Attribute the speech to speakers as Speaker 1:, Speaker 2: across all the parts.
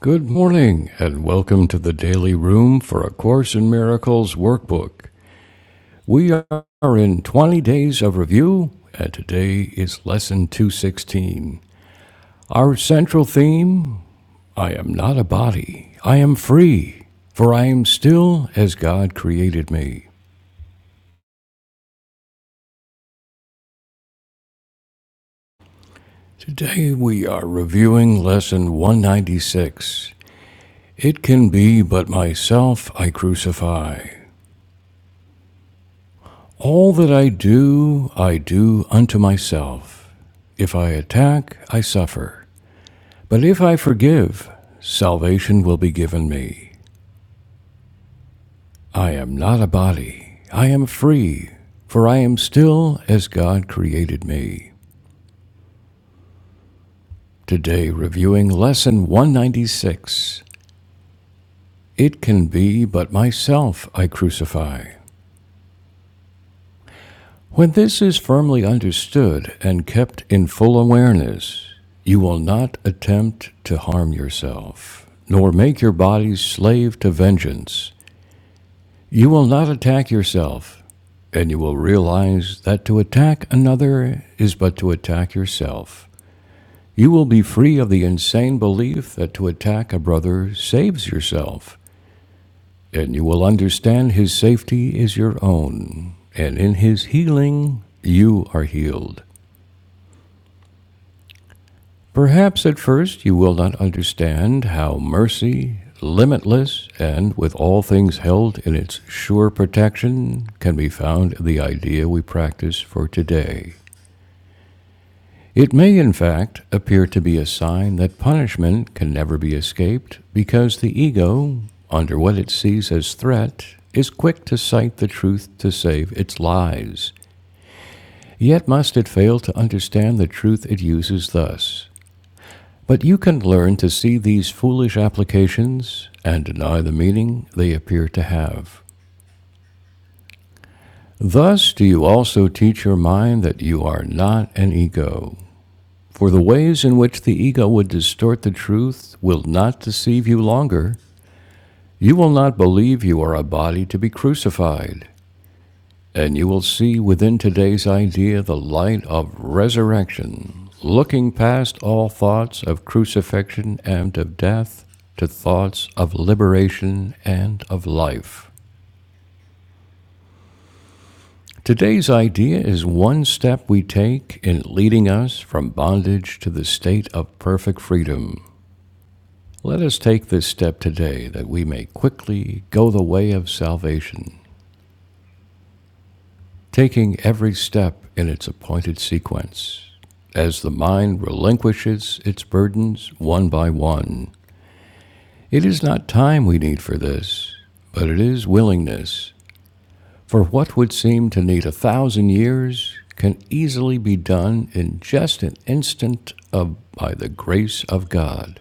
Speaker 1: Good morning, and welcome to the Daily Room for A Course in Miracles workbook. We are in 20 days of review, and today is Lesson 216. Our central theme I am not a body, I am free, for I am still as God created me. Today we are reviewing Lesson 196. It can be but myself I crucify. All that I do, I do unto myself. If I attack, I suffer. But if I forgive, salvation will be given me. I am not a body. I am free, for I am still as God created me. Today, reviewing Lesson 196 It can be but myself I crucify. When this is firmly understood and kept in full awareness, you will not attempt to harm yourself, nor make your body slave to vengeance. You will not attack yourself, and you will realize that to attack another is but to attack yourself. You will be free of the insane belief that to attack a brother saves yourself, and you will understand his safety is your own, and in his healing, you are healed. Perhaps at first you will not understand how mercy, limitless, and with all things held in its sure protection, can be found in the idea we practice for today. It may, in fact, appear to be a sign that punishment can never be escaped because the ego, under what it sees as threat, is quick to cite the truth to save its lies. Yet must it fail to understand the truth it uses thus But you can learn to see these foolish applications and deny the meaning they appear to have. Thus do you also teach your mind that you are not an ego. For the ways in which the ego would distort the truth will not deceive you longer. You will not believe you are a body to be crucified, And you will see within today's idea the light of resurrection, looking past all thoughts of crucifixion and of death to thoughts of liberation and of life. Today's idea is one step we take in leading us from bondage to the state of perfect freedom. Let us take this step today that we may quickly go the way of salvation. taking every step in its appointed sequence. As the mind relinquishes its burdens one by one, it is not time we need for this, but it is willingness. For what would seem to need a thousand years can easily be done in just an instant of by the grace of God.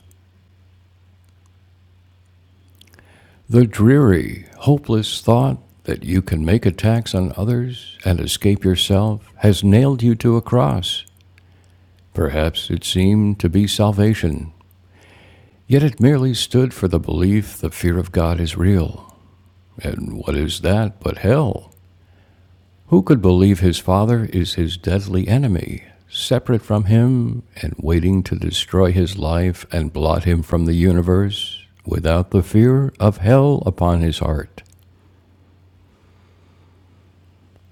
Speaker 1: The dreary, hopeless thought that you can make attacks on others and escape yourself has nailed you to a cross. Perhaps it seemed to be salvation, yet it merely stood for the belief the fear of God is real. And what is that but hell? Who could believe his father is his deadly enemy, separate from him and waiting to destroy his life and blot him from the universe, without the fear of hell upon his heart?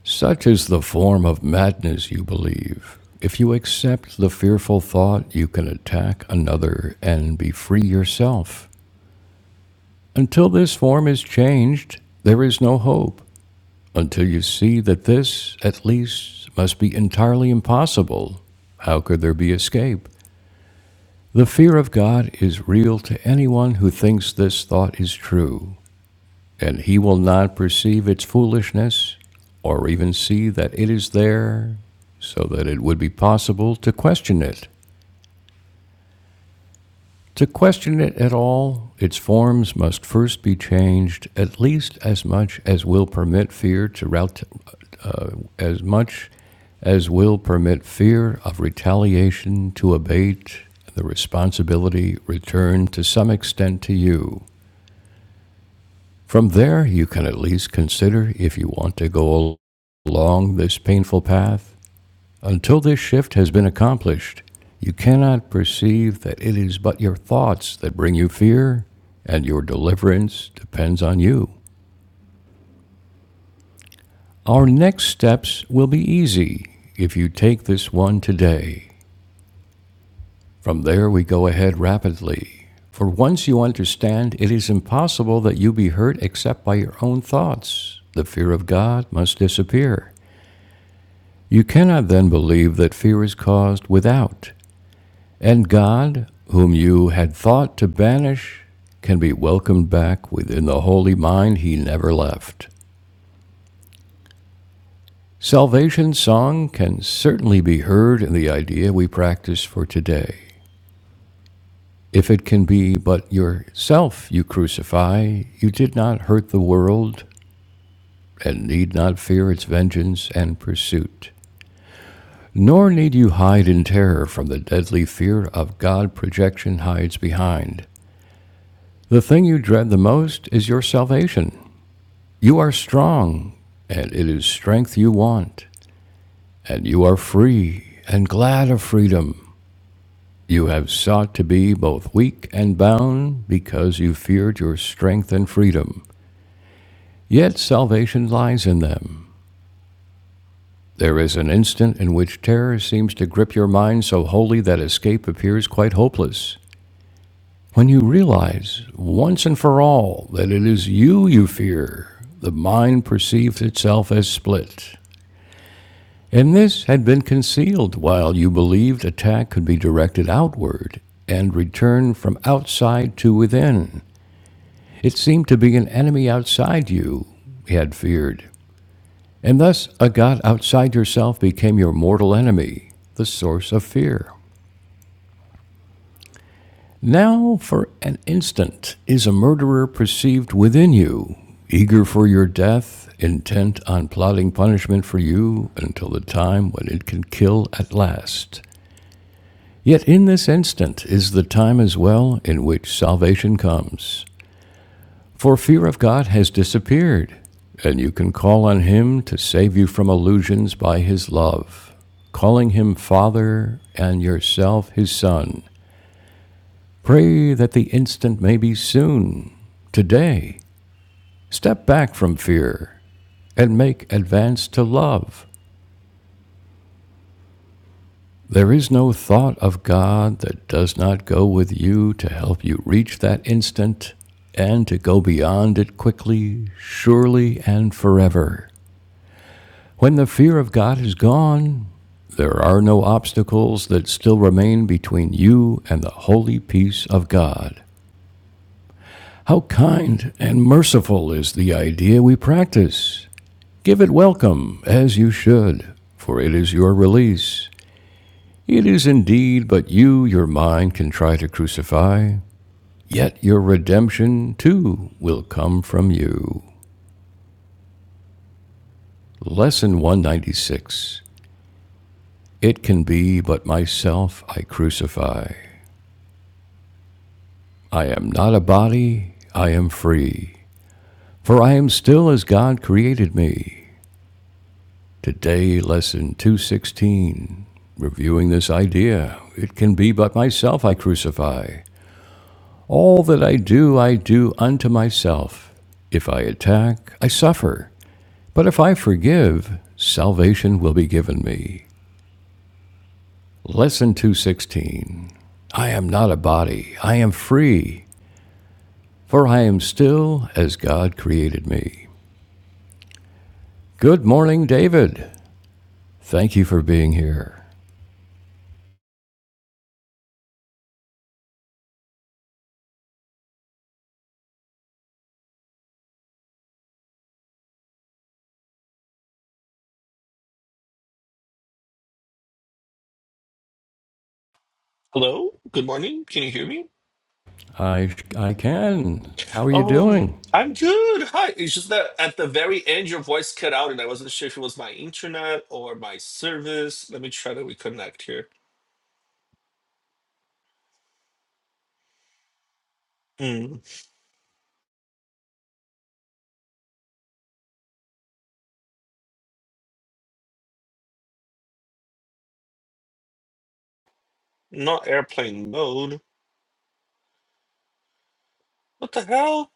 Speaker 1: Such is the form of madness you believe. If you accept the fearful thought, you can attack another and be free yourself. Until this form is changed, there is no hope, until you see that this, at least, must be entirely impossible. How could there be escape? The fear of God is real to anyone who thinks this thought is true, and he will not perceive its foolishness or even see that it is there so that it would be possible to question it. To question it at all, its forms must first be changed at least as much as will permit fear to rout, uh, as much as will permit fear of retaliation to abate the responsibility returned to some extent to you. From there, you can at least consider if you want to go along this painful path until this shift has been accomplished, you cannot perceive that it is but your thoughts that bring you fear, and your deliverance depends on you. Our next steps will be easy if you take this one today. From there, we go ahead rapidly. For once you understand, it is impossible that you be hurt except by your own thoughts. The fear of God must disappear. You cannot then believe that fear is caused without. And God, whom you had thought to banish, can be welcomed back within the holy mind he never left. Salvation song can certainly be heard in the idea we practice for today. If it can be but yourself you crucify, you did not hurt the world and need not fear its vengeance and pursuit. Nor need you hide in terror from the deadly fear of God projection hides behind. The thing you dread the most is your salvation. You are strong, and it is strength you want, and you are free and glad of freedom. You have sought to be both weak and bound because you feared your strength and freedom. Yet salvation lies in them. There is an instant in which terror seems to grip your mind so wholly that escape appears quite hopeless. When you realize, once and for all, that it is you you fear, the mind perceives itself as split. And this had been concealed while you believed attack could be directed outward and return from outside to within. It seemed to be an enemy outside you, he had feared. And thus, a god outside yourself became your mortal enemy, the source of fear. Now, for an instant, is a murderer perceived within you, eager for your death, intent on plotting punishment for you until the time when it can kill at last. Yet in this instant is the time as well in which salvation comes. For fear of God has disappeared, and you can call on Him to save you from illusions by His love. Calling Him Father and yourself His Son, pray that the instant may be soon. Today, step back from fear and make advance to love. There is no thought of God that does not go with you to help you reach that instant and to go beyond it quickly, surely, and forever. When the fear of God is gone, there are no obstacles that still remain between you and the holy peace of God. How kind and merciful is the idea we practice! Give it welcome, as you should, for it is your release. It is indeed but you your mind can try to crucify, yet your redemption too will come from you. Lesson 196 It can be but myself I crucify. I am not a body, I am free, for I am still as God created me. Today, lesson 216. Reviewing this idea, it can be but myself I crucify. All that I do, I do unto myself. If I attack, I suffer. But if I forgive, salvation will be given me. Lesson 216 I am not a body, I am free, for I am still as God created me. Good morning, David. Thank you for being here.
Speaker 2: Hello, good morning. Can you hear me?
Speaker 1: I, I can. How are you
Speaker 2: Um,
Speaker 1: doing?
Speaker 2: I'm good. Hi. It's just that at the very end, your voice cut out, and I wasn't sure if it was my internet or my service. Let me try to reconnect here. Hmm. Not airplane mode. What the hell?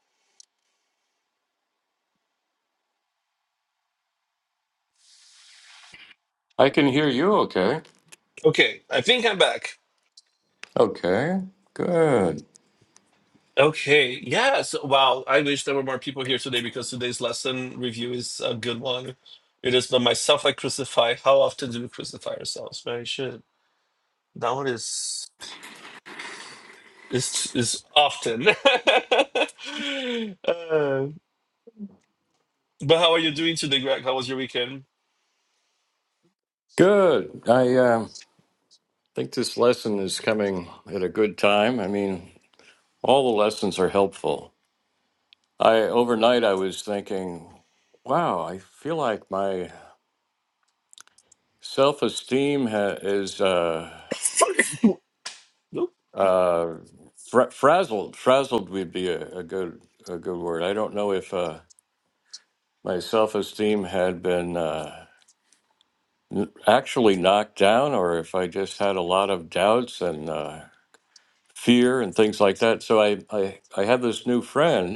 Speaker 1: I can hear you okay.
Speaker 2: Okay, I think I'm back.
Speaker 1: Okay, good.
Speaker 2: Okay. Yes. Wow. I wish there were more people here today because today's lesson review is a good one. It is the myself I crucify. How often do we crucify ourselves? Right? Shit. That one is. is is often. Uh, but how are you doing today, Greg? How was your weekend?
Speaker 1: Good. I, um, I think this lesson is coming at a good time. I mean, all the lessons are helpful. I overnight I was thinking, wow, I feel like my self-esteem ha- is uh,
Speaker 2: Nope.
Speaker 1: uh, fra- frazzled. Frazzled would be a, a good a good word. I don't know if uh, my self-esteem had been uh, n- actually knocked down or if I just had a lot of doubts and uh, fear and things like that. So I I, I have this new friend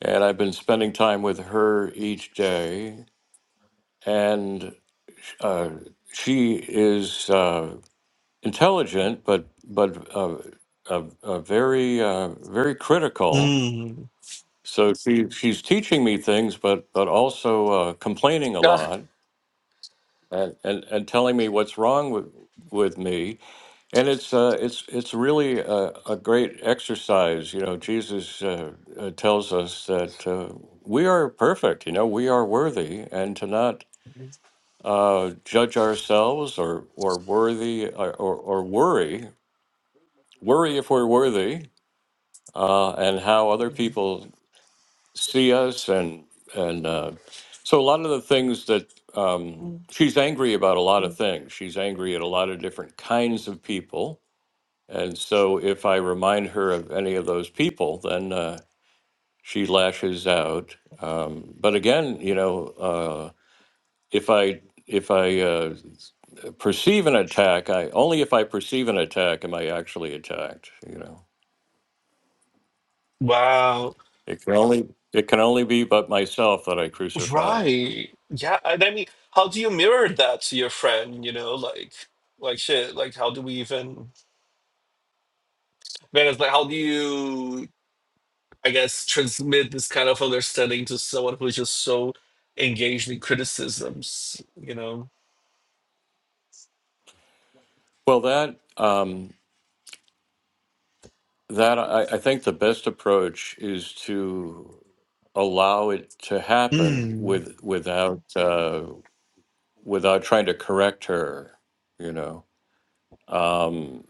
Speaker 1: and I've been spending time with her each day. And uh, she is uh, intelligent, but but uh, uh, uh, very uh, very critical.
Speaker 2: Mm.
Speaker 1: So she she's teaching me things, but but also uh, complaining a
Speaker 2: Ah,
Speaker 1: lot and, and, and telling me what's wrong with with me. And it's uh, it's it's really a, a great exercise. You know, Jesus uh, uh, tells us that uh, we are perfect. You know, we are worthy, and to not uh, judge ourselves or or worthy or, or, or worry worry if we're worthy uh, and how other people see us and and uh, so a lot of the things that um, she's angry about a lot of things. She's angry at a lot of different kinds of people And so if I remind her of any of those people, then uh, she lashes out. Um, but again, you know, uh, if I if I uh, perceive an attack, I only if I perceive an attack am I actually attacked. You know,
Speaker 2: wow.
Speaker 1: it can only it can only be but myself that I crucify.
Speaker 2: Right. Yeah. And I mean, how do you mirror that to your friend? You know, like, like shit. Like, how do we even? Man, it's like, how do you? I guess transmit this kind of understanding to someone who is just so engaged in criticisms. You know.
Speaker 1: Well, that um, that I, I think the best approach is to allow it to happen
Speaker 2: Mm.
Speaker 1: with without uh, without trying to correct her, you know. Um,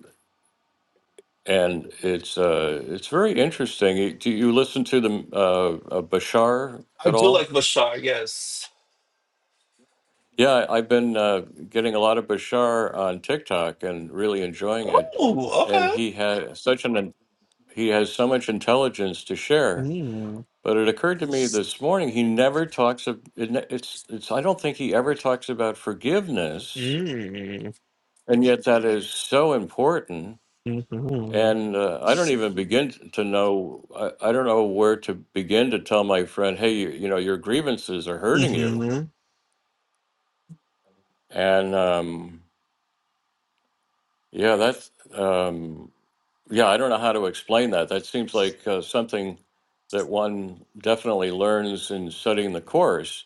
Speaker 1: and it's uh, it's very interesting. You- Do you listen to the uh, uh, Bashar
Speaker 2: I
Speaker 1: at
Speaker 2: do like
Speaker 1: all?
Speaker 2: Bashar. Yes.
Speaker 1: Yeah, I've been uh, getting a lot of Bashar on TikTok and really enjoying it.
Speaker 2: Oh,
Speaker 1: And
Speaker 2: okay.
Speaker 1: he has such an he has so much intelligence to share.
Speaker 2: Mm.
Speaker 1: But it occurred to me this morning he never talks of it ne- it's it's I don't think he ever talks about forgiveness,
Speaker 2: Mm.
Speaker 1: and yet that is so important
Speaker 2: Mm-hmm.
Speaker 1: And uh, I don't even begin t- to know, I, I don't know where to begin to tell my friend, hey, you, you know, your grievances are hurting you.
Speaker 2: Mm-hmm.
Speaker 1: And um, yeah, that's, um, yeah, I don't know how to explain that. That seems like uh, something that one definitely learns in studying the course,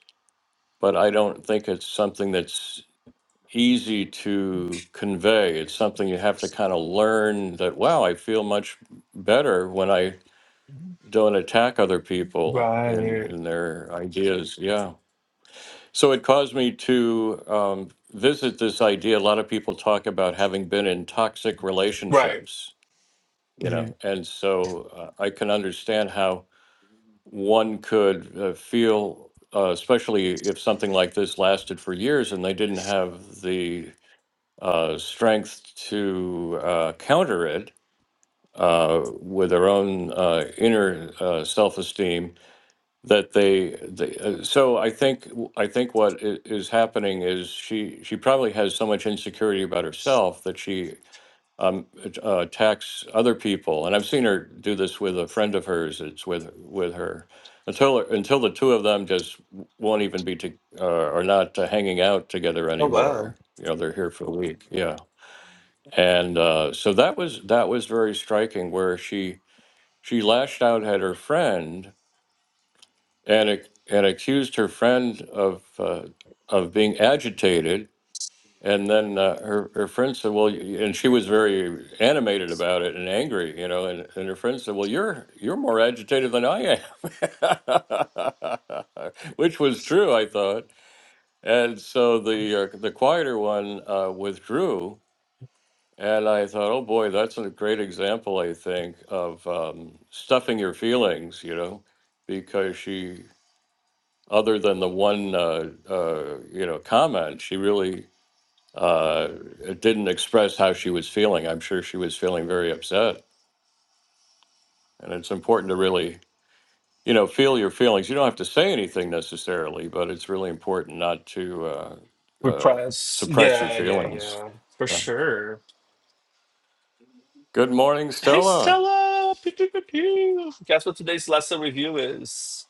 Speaker 1: but I don't think it's something that's easy to convey. It's something you have to kind of learn that, wow, I feel much better when I don't attack other people in
Speaker 2: Right.
Speaker 1: in their ideas yeah so it caused me to um, visit this idea a lot of people talk about having been in toxic
Speaker 2: Right.
Speaker 1: relationships you know
Speaker 2: hmm
Speaker 1: and so uh, i can understand how one could uh, feel uh, especially if something like this lasted for years and they didn't have the uh, strength to uh, counter it uh, with their own uh, inner uh, self-esteem that they, they uh, so I think I think what i- is happening is she she probably has so much insecurity about herself that she um, at- uh, attacks other people, and I've seen her do this with a friend of hers. It's with with her until until the two of them just w- won't even be to, uh, are not uh, hanging out together
Speaker 2: Oh, wow.
Speaker 1: anymore. You know, they're here for a week. Yeah, and uh, so that was that was very striking where she she lashed out at her friend and ac- and accused her friend of uh, of being agitated. And then uh, her her friend said, "Well," y- and she was very animated about it and angry, you know. And, and her friend said, "Well, you're you're more agitated than I am," which was true, I thought. And so the uh, the quieter one uh, withdrew, and I thought, "Oh boy, that's a great example, I think, of um, stuffing your feelings," you know because she other than the one uh, uh, you know comment, she really uh, didn't express how she was feeling. I'm sure she was feeling very upset, and it's important to really you know feel your feelings. You don't have to say anything necessarily, but it's really important not to uh, uh,
Speaker 2: Repress.
Speaker 1: suppress your
Speaker 2: Yeah, yeah,
Speaker 1: feelings.
Speaker 2: yeah. For
Speaker 1: Yeah.
Speaker 2: sure.
Speaker 1: Good morning,
Speaker 2: Hey,
Speaker 1: Stella.
Speaker 2: Stella. Pew, pew, pew, pew. Guess what today's lesson review is?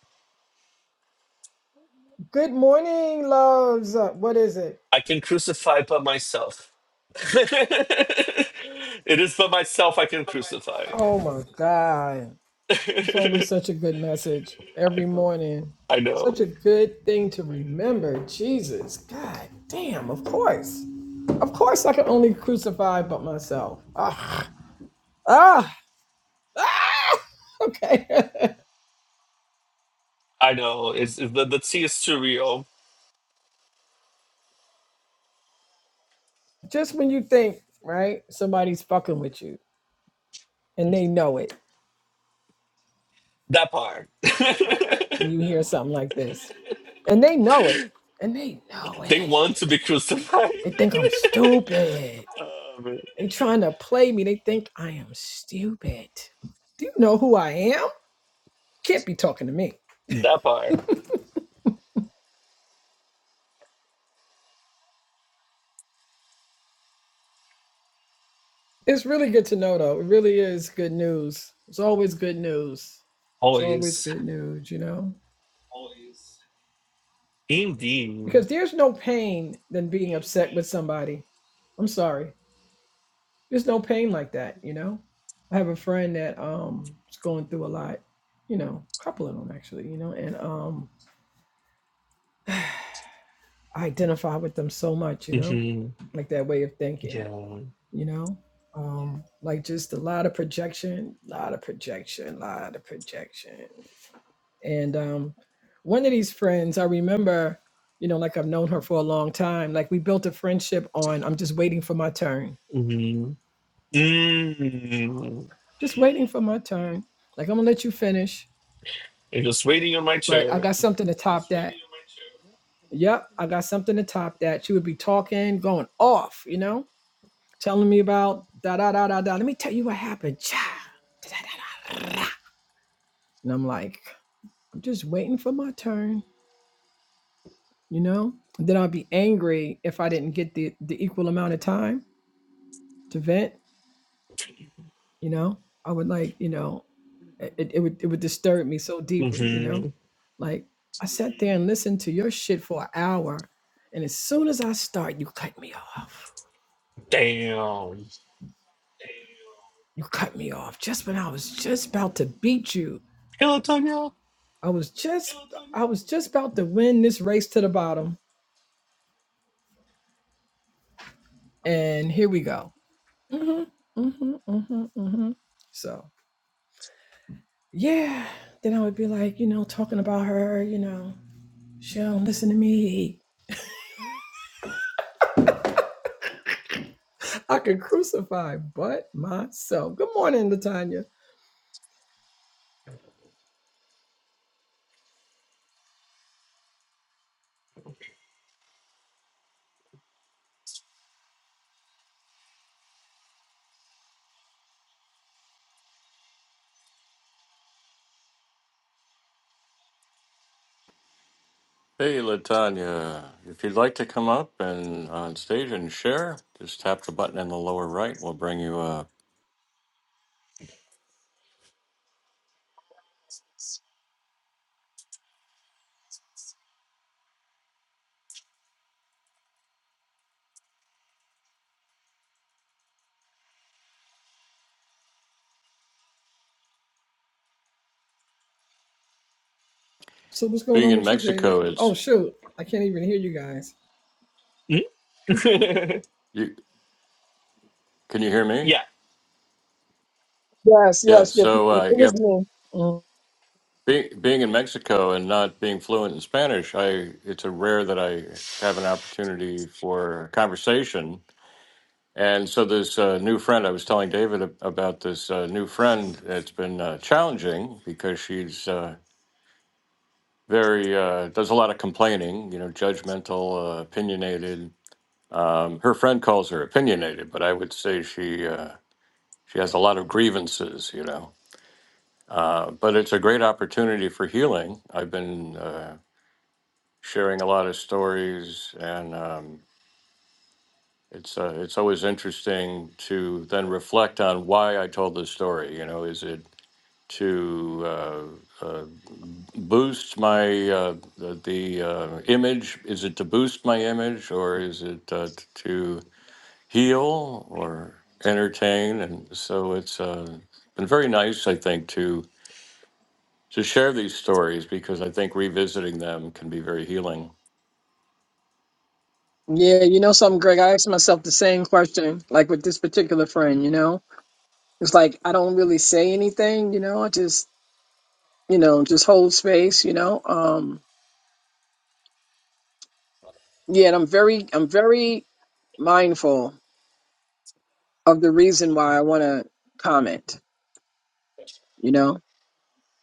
Speaker 3: Good morning, loves. Uh, What is it?
Speaker 2: I can crucify but myself. it is but myself I can crucify.
Speaker 3: Oh my God. It's always
Speaker 2: I
Speaker 3: such a good message every
Speaker 2: know.
Speaker 3: morning.
Speaker 2: I
Speaker 3: Such a
Speaker 2: know.
Speaker 3: good thing to remember. Jesus. God damn. Of course. Of course, I can only crucify but myself. Ah. Ah. ah. Okay.
Speaker 2: I know. It's, it's- the, the tea is too real.
Speaker 3: Just when you think, right, somebody's fucking with you and they know it,
Speaker 2: That part.
Speaker 3: you hear something like this. And they know it. And they know
Speaker 2: they want to be
Speaker 3: it.
Speaker 2: crucified.
Speaker 3: They think I'm stupid.
Speaker 2: um,
Speaker 3: and trying to play me. They think I am stupid. Do you know who I am? Can't be talking to me.
Speaker 2: that part.
Speaker 3: It's really good to know, though. It really is good news. It's always good news. It's always
Speaker 2: Always.
Speaker 3: good news, you know?
Speaker 2: Indeed.
Speaker 3: Because there's no pain than being upset with somebody. I'm sorry. There's no pain like that, you know? I have a friend that um is going through a lot, you know, a couple of them actually, you know, and um I identify with them so much, you know,
Speaker 2: hmm
Speaker 3: like that way of thinking.
Speaker 2: Yeah.
Speaker 3: you know um like just a lot of projection a lot of projection a lot of projection and um one of these friends i remember you know like i've known her for a long time like we built a friendship on i'm just waiting for my turn
Speaker 2: hmm mm
Speaker 3: just waiting for my turn like i'm gonna let you finish
Speaker 2: I'm just waiting on my
Speaker 3: but i
Speaker 2: chair.
Speaker 3: got something to top that yep i got something to top that she would be talking going off you know telling me about da da da da da let me tell you what happened Cha. da, da, da, da. and i'm like I'm just waiting for my turn, you know? And then I'll be angry if I didn't get the, the equal amount of time to vent, you know? I would like, you know, it, it would it would disturb me so deeply, you know?
Speaker 2: hmm
Speaker 3: Like I sat there and listened to your shit for an hour, and as soon as I start, you cut me off.
Speaker 2: Damn.
Speaker 3: You cut me off just when I was just about to beat you.
Speaker 2: Hello, Tonya.
Speaker 3: I was just I was just about to win this race to the bottom. And here we go. hmm hmm hmm hmm So yeah, then I would be like, you know, talking about her, you know, she don't listen to me. I could crucify but myself. Good morning, Latanya.
Speaker 1: Hey, Latanya. If you'd like to come up and on stage and share, just tap the button in the lower right. We'll bring you up.
Speaker 3: So what's going
Speaker 1: Being
Speaker 3: on
Speaker 1: in
Speaker 3: with you, David?
Speaker 1: Mexico,
Speaker 3: Oh
Speaker 1: it's
Speaker 3: shoot, I can't even hear you guys.
Speaker 2: Mm.
Speaker 1: you. Can you hear me?
Speaker 2: yeah.
Speaker 3: Yes,
Speaker 1: Yeah.
Speaker 3: yes, yes.
Speaker 1: So
Speaker 3: It
Speaker 1: uh, yeah,
Speaker 3: was me. Mm.
Speaker 1: being being in Mexico and not being fluent in Spanish, I it's a rare that I have an opportunity for conversation. And so this uh, new friend, I was telling David ab- about this uh, new friend. It's been uh, challenging because she's uh, very uh, does a lot of complaining, you know, judgmental, uh, opinionated. Um, her friend calls her opinionated, but I would say she uh, she has a lot of grievances, you know Uh, but it's a great opportunity for healing. I've been uh, sharing a lot of stories, and um, it's uh, it's always interesting to then reflect on why I told the story. You know, is it to uh, uh, boost my uh, the, the uh, image? Is it to boost my image, or is it uh, t- to heal or entertain? And so it's uh, been very nice, I think, to to share these stories because I think revisiting them can be very healing.
Speaker 3: Yeah, you know something, Greg? I asked myself the same question, like with this particular friend, you know? It's like I don't really say anything, you know, I just you know, just hold space, you know. Um yeah, and I'm very I'm very mindful of the reason why I wanna comment, you know.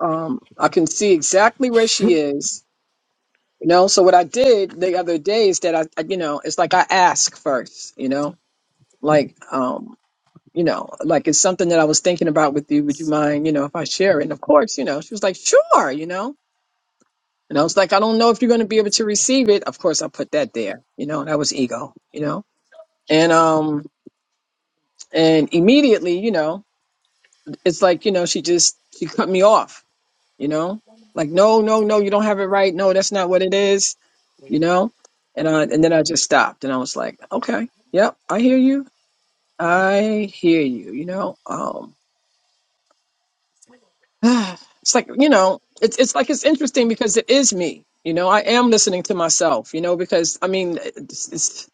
Speaker 3: Um I can see exactly where she is, you know. So what I did the other day is that I, I you know, it's like I ask first, you know. Like um you know, like it's something that I was thinking about with you. Would you mind, you know, if I share it? And of course, you know, she was like, sure, you know. And I was like, I don't know if you're going to be able to receive it. Of course, I put that there, you know, that was ego, you know. And, um, and immediately, you know, it's like, you know, she just, she cut me off, you know, like, no, no, no, you don't have it right. No, that's not what it is, you know. And I, and then I just stopped and I was like, okay, yep, I hear you. I hear you, you know. Um, it's like you know it's it's like it's interesting because it is me you know i am listening to myself you know because i mean it's, it's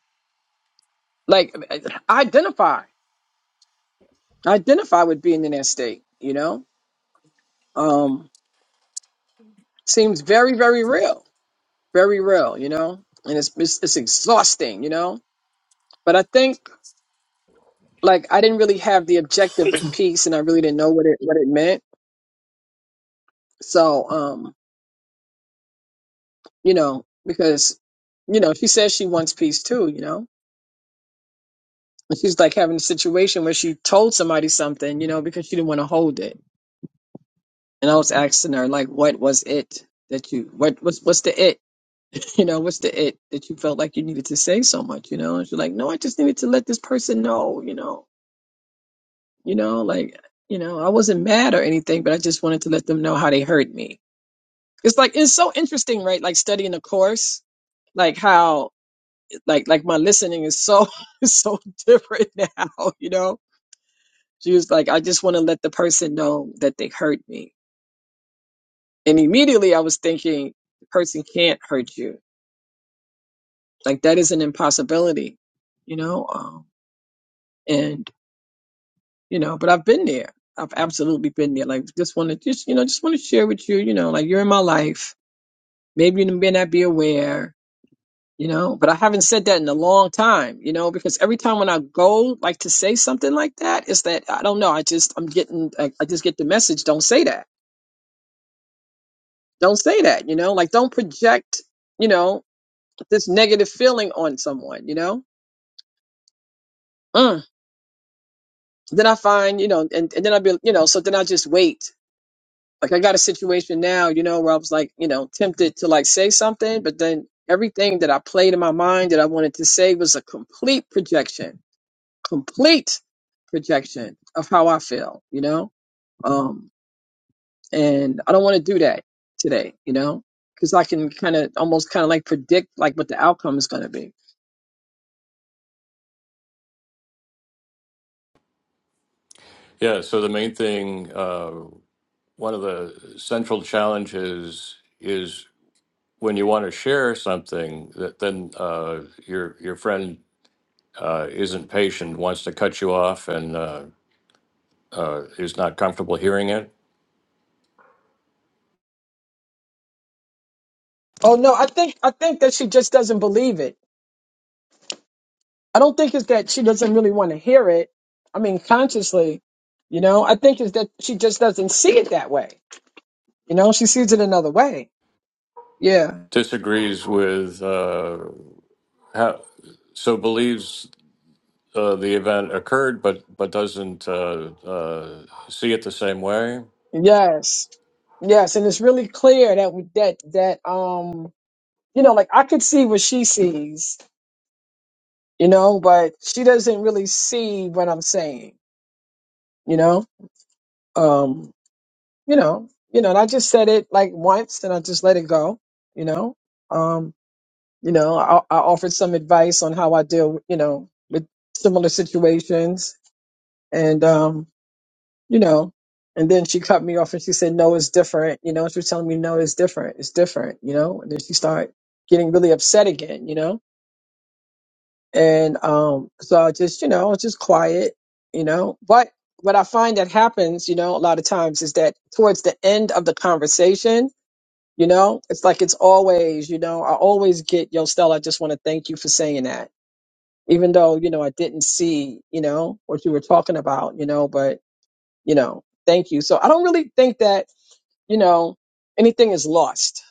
Speaker 3: like i identify i identify with being in that state you know um seems very very real very real you know and it's it's, it's exhausting you know but i think like i didn't really have the objective of peace and i really didn't know what it what it meant so um you know because you know she says she wants peace too you know And she's like having a situation where she told somebody something, you know, because she didn't want to hold it. And I was asking her, like, what was it that you what what's what's the it? You know, what's the it that you felt like you needed to say so much, you know? And she's like, No, I just needed to let this person know, you know, you know, like you know, I wasn't mad or anything, but I just wanted to let them know how they hurt me. It's like it's so interesting, right? Like studying a course like how like like my listening is so so different now you know She was like, I just want to let the person know that they hurt me. And immediately I was thinking, the person can't hurt you. Like, that is an impossibility, you know? Um, and, you know, but I've been there. I've absolutely been there. Like, just want to, just, you know, just want to share with you, you know, like you're in my life. Maybe you may not be aware, you know, but I haven't said that in a long time, you know, because every time when I go, like to say something like that, is that I don't know. I just, I'm getting, I, I just get the message, don't say that Don't say that, you know, like don't project, you know, this negative feeling on someone, you know? Mm. Then I find, you know, and, and then I'll be, you know, so then I just wait. Like I got a situation now, you know, where I was like, you know, tempted to like say something, but then everything that I played in my mind that I wanted to say was a complete projection, complete projection of how I feel, you know? Um, and I don't want to do that today, you know? because I can kind of almost kind of like predict like what the outcome is going to be.
Speaker 1: Yeah, so the main thing, uh, one of the central challenges is when you want to share something, that then uh, your your friend uh, isn't patient, wants to cut you off, and uh, uh, is not comfortable hearing it,
Speaker 3: Oh no, I think I think that she just doesn't believe it. I don't think it's that she doesn't really want to hear it. I mean, consciously, you know. I think it's that she just doesn't see it that way. You know, she sees it another way. Yeah.
Speaker 1: disagrees with uh, how, so believes uh, the event occurred, but but doesn't uh, uh, see it the same way
Speaker 3: Yes. Yes, and it's really clear that that that um, you know, like I could see what she sees, you know, but she doesn't really see what I'm saying, you know. Um, you know, you know, and I just said it like once, and I just let it go, you know. Um, You know, I, I offered some advice on how I deal, you know, with similar situations. And, um, you know, and then she cut me off and she said, no, it's different. You know, she was telling me, no, it's different. It's different, you know, and then she started getting really upset again, you know? And, um, so I just, you know, I was just quiet, you know, but what I find that happens, you know, a lot of times is that towards the end of the conversation, you know, it's like it's always, you know, I always get, yo, Stella, I just want to thank you for saying that even though you know I didn't see you know what you were talking about, you know, but you know, thank you. So I don't really think that you know anything is lost,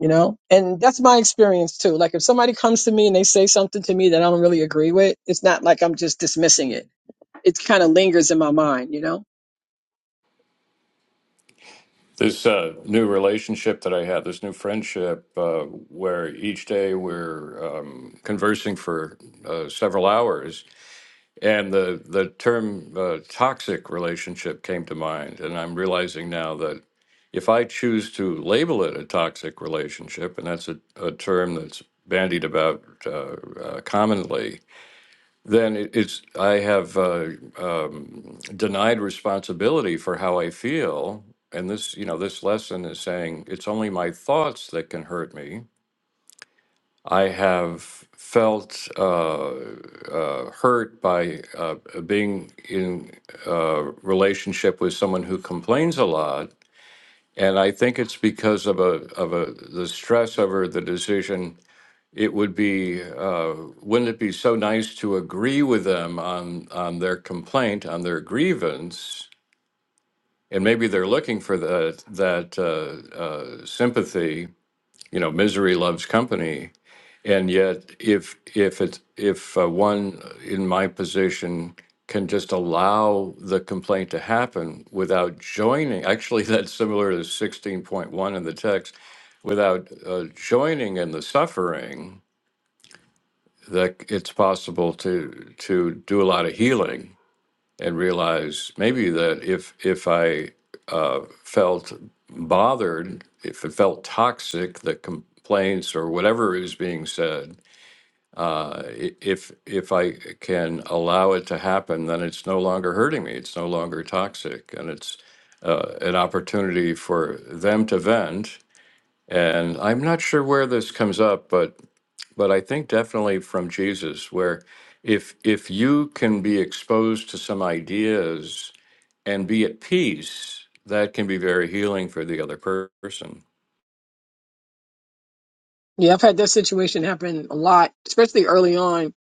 Speaker 3: you know, and that's my experience too. Like if somebody comes to me and they say something to me that I don't really agree with, it's not like I'm just dismissing it it kind of lingers in my mind, you know?
Speaker 1: This uh, new relationship that I had, this new friendship, uh, where each day we're um, conversing for uh, several hours, and the the term uh, toxic relationship came to mind, and I'm realizing now that if I choose to label it a toxic relationship, and that's a, a term that's bandied about uh, uh, commonly, then it- it's I have uh, um, denied responsibility for how I feel, and this you know this lesson is saying it's only my thoughts that can hurt me. I have felt uh, hurt by uh, being in a relationship with someone who complains a lot, and I think it's because of a of a the stress over the decision it would be, uh, wouldn't it be so nice to agree with them on, on their complaint, on their grievance? And maybe they're looking for that, that uh, uh, sympathy, you know, misery loves company. And yet, if, if it's, if uh, one in my position can just allow the complaint to happen without joining, actually, that's similar to 16.1 in the text, without uh, joining in the suffering, that it's possible to to do a lot of healing and realize maybe that if if I uh, felt bothered, if it felt toxic, the complaints or whatever is being said, uh, i- if if I can allow it to happen, then it's no longer hurting me. It's no longer toxic, and it's uh, an opportunity for them to vent. And I'm not sure where this comes up, but but I think definitely from Jesus, where if if you can be exposed to some ideas and be at peace, that can be very healing for the other per- person.
Speaker 3: Yeah, I've had that situation happen a lot, especially early on,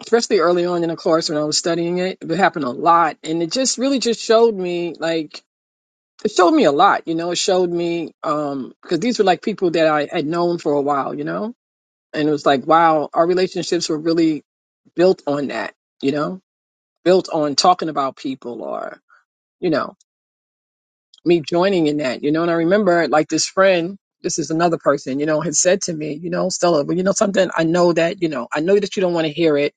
Speaker 3: especially early on in a course when I was studying it. It happened a lot. And it just really just showed me like it showed me a lot, you know, it showed me um because these were like people that I had known for a while, you know. and it was like wow our relationships were really built on that you know built on talking about people or you know me joining in that you know and i remember like this friend this is another person you know had said to me you know stella well you know something i know that you know i know that you don't want to hear it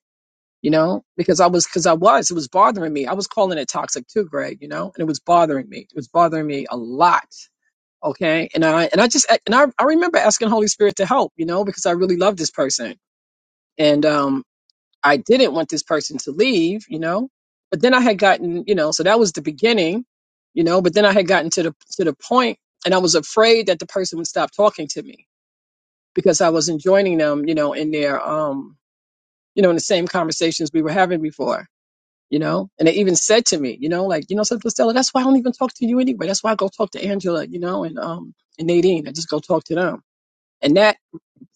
Speaker 3: you know because i was because i was it was bothering me i was calling it toxic too greg you know and it was bothering me it was bothering me a lot okay and i and i just and i, I remember asking holy spirit to help you know because i really love this person and um I didn't want this person to leave, you know. But then I had gotten, you know, so that was the beginning, you know, but then I had gotten to the to the point and I was afraid that the person would stop talking to me because I wasn't joining them, you know, in their um, you know, in the same conversations we were having before, you know. And they even said to me, you know, like, you know, something Stella, that's why I don't even talk to you anyway. That's why I go talk to Angela, you know, and um and Nadine. I just go talk to them. And that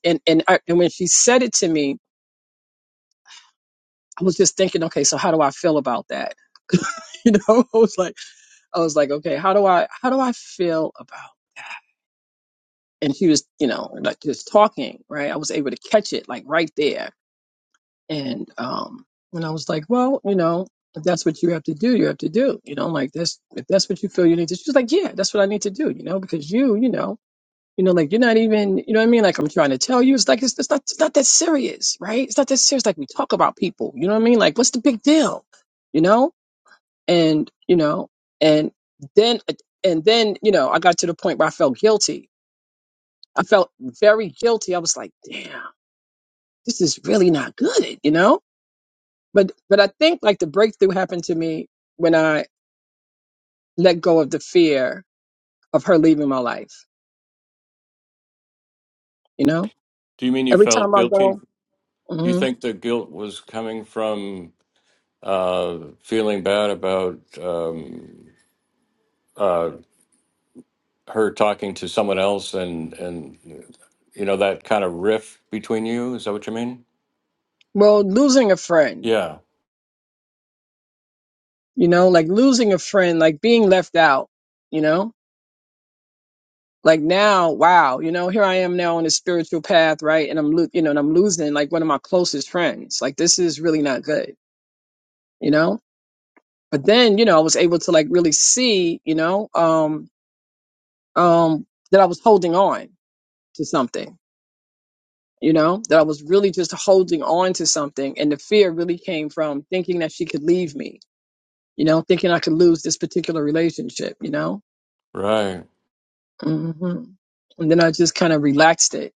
Speaker 3: and and I, and when she said it to me, I was just thinking, okay, so how do I feel about that? you know i was like i was like okay how do i how do i feel about and she was you know like just talking right i was able to catch it like right there and um and i was like well you know if that's what you have to do you have to do you know like that's if that's what you feel you need to she's like yeah that's what i need to do you know because you you know you know like you're not even you know what i mean like i'm trying to tell you it's like it's, it's not it's not that serious right it's not that serious like we talk about people you know what i mean like what's the big deal you know and you know and then and then you know i got to the point where i felt guilty i felt very guilty i was like damn this is really not good you know but but i think like the breakthrough happened to me when i let go of the fear of her leaving my life you know
Speaker 1: Do you mean you
Speaker 3: every
Speaker 1: felt
Speaker 3: time i
Speaker 1: guilty?
Speaker 3: go
Speaker 1: Do you
Speaker 3: mhm.
Speaker 1: think the guilt was coming from uh, feeling bad about um, uh, her talking to someone else and and you know that kind of rift between you? Is that what you mean?
Speaker 3: well losing a friend
Speaker 1: Yeah,
Speaker 3: you know like losing a friend like being left out you know like now wow you know here i am now on a spiritual path right and i'm lo- you know and i'm losing like one of my closest friends like this is really not good you know but then you know i was able to like really see you know um um that i was holding on to something you know that i was really just holding on to something and the fear really came from thinking that she could leave me you know thinking i could lose this particular relationship you know
Speaker 1: right.
Speaker 3: hmm and then i just kind of relaxed it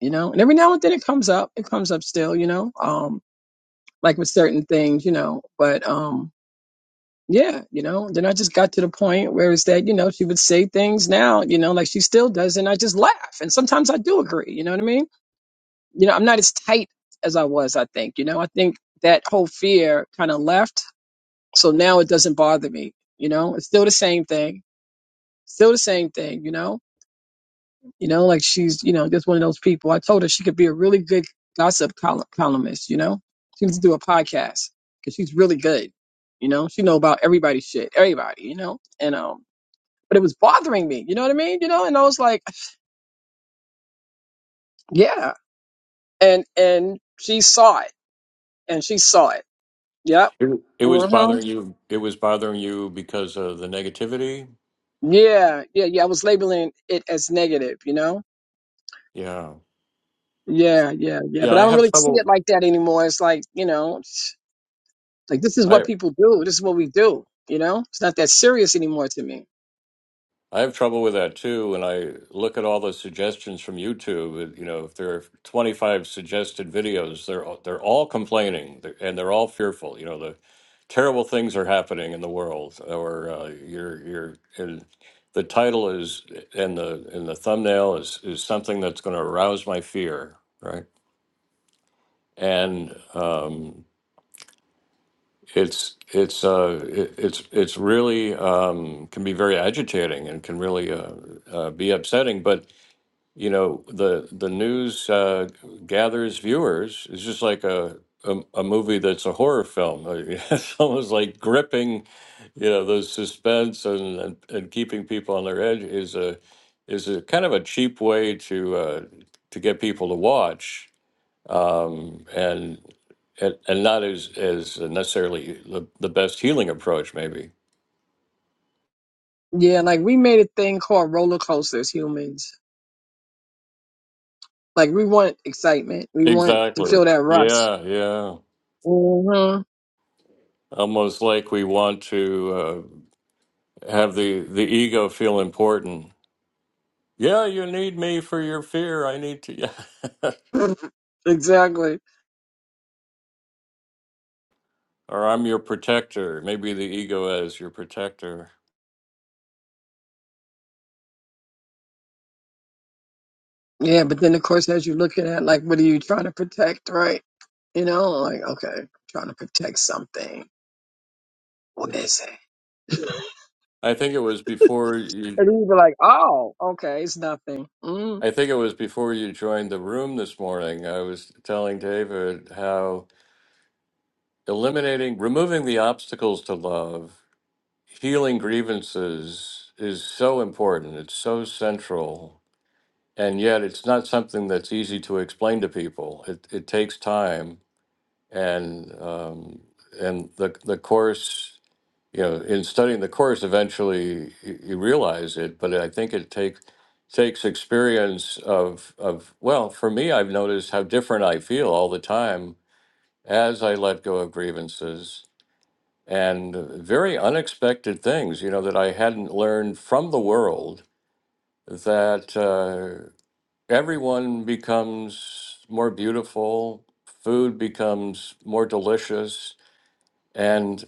Speaker 3: you know. And every now and then it comes up. It comes up still, you know. Um, like with certain things, you know. But um, yeah, you know. Then I just got to the point where it's that, you know, she would say things now, you know, like she still does, and I just laugh. And sometimes I do agree, you know what I mean? You know, I'm not as tight as I was. I think, you know, I think that whole fear kind of left. So now it doesn't bother me. You know, it's still the same thing. Still the same thing, you know You know, like she's, you know, just one of those people. I told her she could be a really good gossip col- columnist, you know? She needs to do a podcast because she's really good. You know, she know about everybody's shit, everybody, you know? And, um, but it was bothering me, you know what I mean? You know, and I was like, yeah. And, and she saw it and she saw it. Yep.
Speaker 1: It, it
Speaker 3: hmm
Speaker 1: was bothering you. It was bothering you because of the negativity.
Speaker 3: Yeah. Yeah. Yeah. I was labeling it as negative, you know?
Speaker 1: Yeah,
Speaker 3: Yeah. Yeah. Yeah.
Speaker 1: yeah.
Speaker 3: But I
Speaker 1: I
Speaker 3: don't
Speaker 1: have
Speaker 3: really see
Speaker 1: trouble.
Speaker 3: it like that anymore. It's like, you know, Like this is
Speaker 1: I
Speaker 3: what people do. This is what we do. You know, it's not that serious anymore to me.
Speaker 1: I have trouble with that too. And I look at all the suggestions from YouTube. and, You know, if there are twenty five suggested videos, they're all- they're all complaining they're- and they're all fearful. You know, the terrible things are happening in the world, or uh, you're you're. And the title is and the and the thumbnail is is something that's going to arouse my fear, right? and um, it's it's uh it, it's it's really um can be very agitating and can really uh, uh be upsetting but you know the the news uh gathers viewers it's just like a a, a movie that's a horror film it's almost like gripping you know those suspense and, and and keeping people on their edge is a is a kind of a cheap way to uh to get people to watch um, and and and not as as necessarily the, the best healing approach maybe
Speaker 3: Yeah, like we made a thing called roller coasters. Humans, like we want excitement. We want to
Speaker 1: exactly
Speaker 3: feel that rush.
Speaker 1: yeah yeah
Speaker 3: hmm
Speaker 1: almost like we want to uh, have the the ego feel important yeah you need me for your fear i need to
Speaker 3: exactly.
Speaker 1: or i'm your protector maybe the ego as your protector
Speaker 3: Yeah, but then of course, as you're looking at, like, what are you trying to protect, right? You know, like, okay, trying to protect something. What is it?
Speaker 1: i think it was before you
Speaker 3: And then you'd be like, oh, okay, it's nothing. Mm.
Speaker 1: i think it was before you joined the room this morning i was telling david how eliminating removing the obstacles to love healing grievances is so important it's so central and yet it's not something that's easy to explain to people it, it takes time and um, and the the course you know in studying the course eventually you, you realize it but i think it takes takes experience of of well for me i've noticed how different i feel all the time as i let go of grievances and very unexpected things, you know, that I hadn't learned from the world that uh, everyone becomes more beautiful, food becomes more delicious, and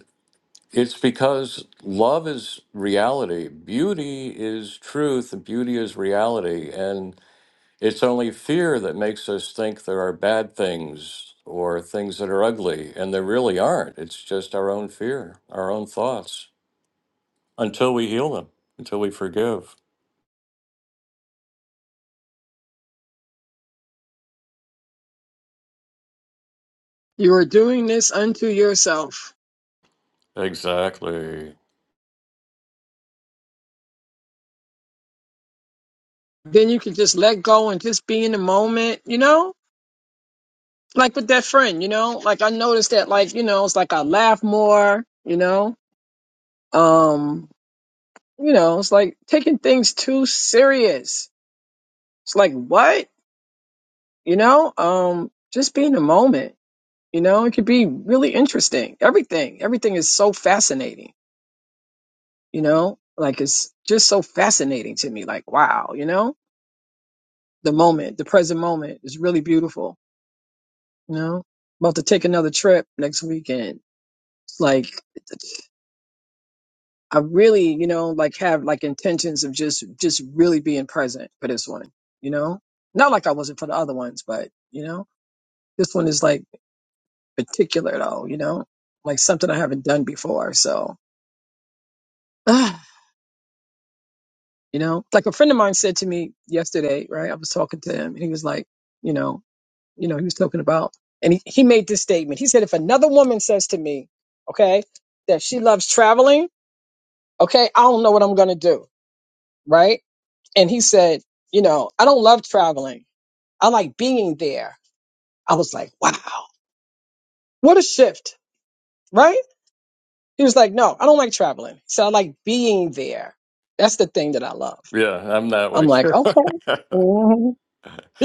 Speaker 1: it's because love is reality, beauty is truth, and beauty is reality, and it's only fear that makes us think there are bad things or things that are ugly, and there really aren't. It's just our own fear, our own thoughts. until we heal them, until we forgive.
Speaker 3: You are doing this unto yourself.
Speaker 1: Exactly.
Speaker 3: then you can just let go and just be in the moment, you know? Like with that friend, you know? Like I noticed that like, you know, it's like I laugh more, you know? Um, you know, it's like taking things too serious. It's like what? You know? Um, just be in the moment, you know? It could be really interesting. Everything, everything is so fascinating, you know? Like it's just so fascinating to me. Like, wow, you know? The moment, the present moment is really beautiful You know, about to take another trip next weekend. Like, I really, you know, like have like intentions of just just really being present for this one. You know, not like I wasn't for the other ones, but you know, this one is like particular though. You know, like something I haven't done before. So, ah, you know, like a friend of mine said to me yesterday, right? I was talking to him, and he was like, you know, you know, he was talking about, and he, he made this statement. He said, if another woman says to me, okay, that she loves traveling Okay. I don't know what I'm going to do. Right. And he said, you know, I don't love traveling. I like being there. I was like, wow, what a shift. Right. He was like, no, I don't like traveling. He said, I like being there. That's the thing that I love.
Speaker 1: Yeah, I'm that
Speaker 3: I'm
Speaker 1: way
Speaker 3: like,
Speaker 1: too.
Speaker 3: okay.
Speaker 1: and
Speaker 3: Mhm.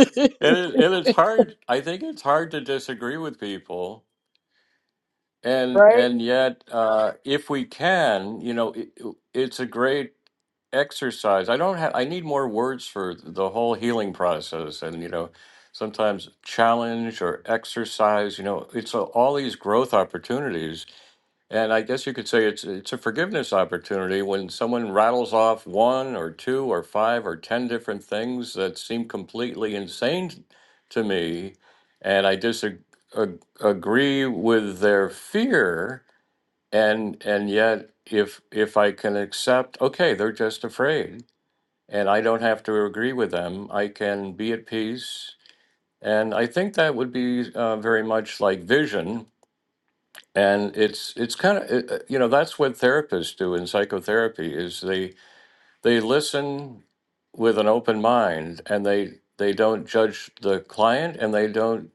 Speaker 1: it, and it's hard. I think it's hard to disagree with people, and
Speaker 3: right.
Speaker 1: and yet, uh, if we can, you know, it, it's a great exercise. I don't have. I need more words for the whole healing process, and you know, sometimes challenge or exercise. You know, it's a, all these growth opportunities And I guess you could say it's it's a forgiveness opportunity when someone rattles off one or two or five or ten different things that seem completely insane to me, and I disagree agree with their fear, and and yet if if I can accept, okay, they're just afraid, and I don't have to agree with them, I can be at peace, and I think that would be uh, very much like vision and it's it's kind of you know that's what therapists do in psychotherapy is they they listen with an open mind and they they don't judge the client and they don't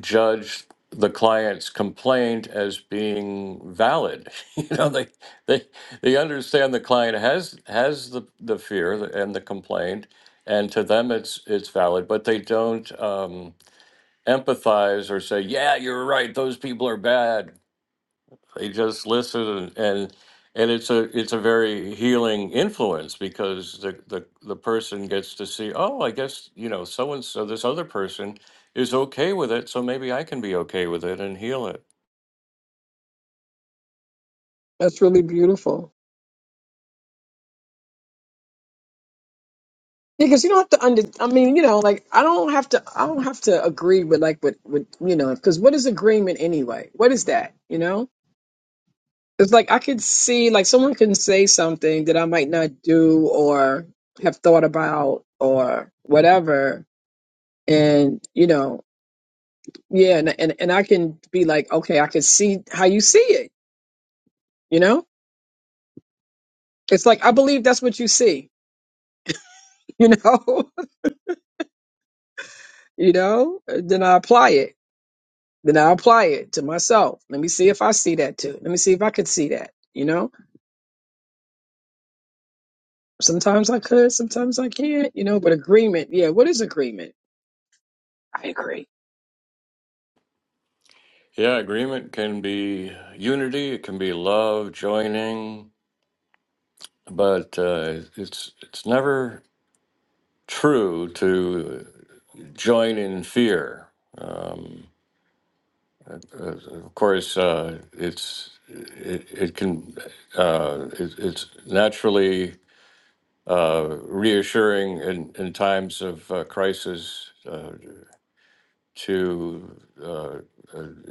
Speaker 1: judge the client's complaint as being valid you know they they they understand the client has has the the fear and the complaint and to them it's it's valid but they don't um empathize or say yeah you're right those people are bad they just listen and and, it's a it's a very healing influence because the, the the person gets to see, oh, I guess, you know, so and so this other person is okay with it, so maybe I can be okay with it and heal it.
Speaker 3: That's really beautiful. Because you don't have to under, I mean, you know, like I don't have to, I don't have to agree with like with, with you know, because what is agreement anyway? What is that? You know? It's like I could see, like someone can say something that I might not do or have thought about or whatever, and you know, yeah, and and, and I can be like, okay, I can see how you see it. You know, it's like I believe that's what you see. You know, you know. Then I apply it. Then I apply it to myself. Let me see if I see that too. Let me see if I could see that. You know, sometimes I could, sometimes I can't. You know, but agreement, yeah. What is agreement? I agree.
Speaker 1: Yeah, agreement can be unity, it can be love, joining, but uh, it's it's never true to join in fear. Uh, Of course, uh, it's it, it can uh, it, it's naturally uh, reassuring in, in times of uh, crisis uh, to uh,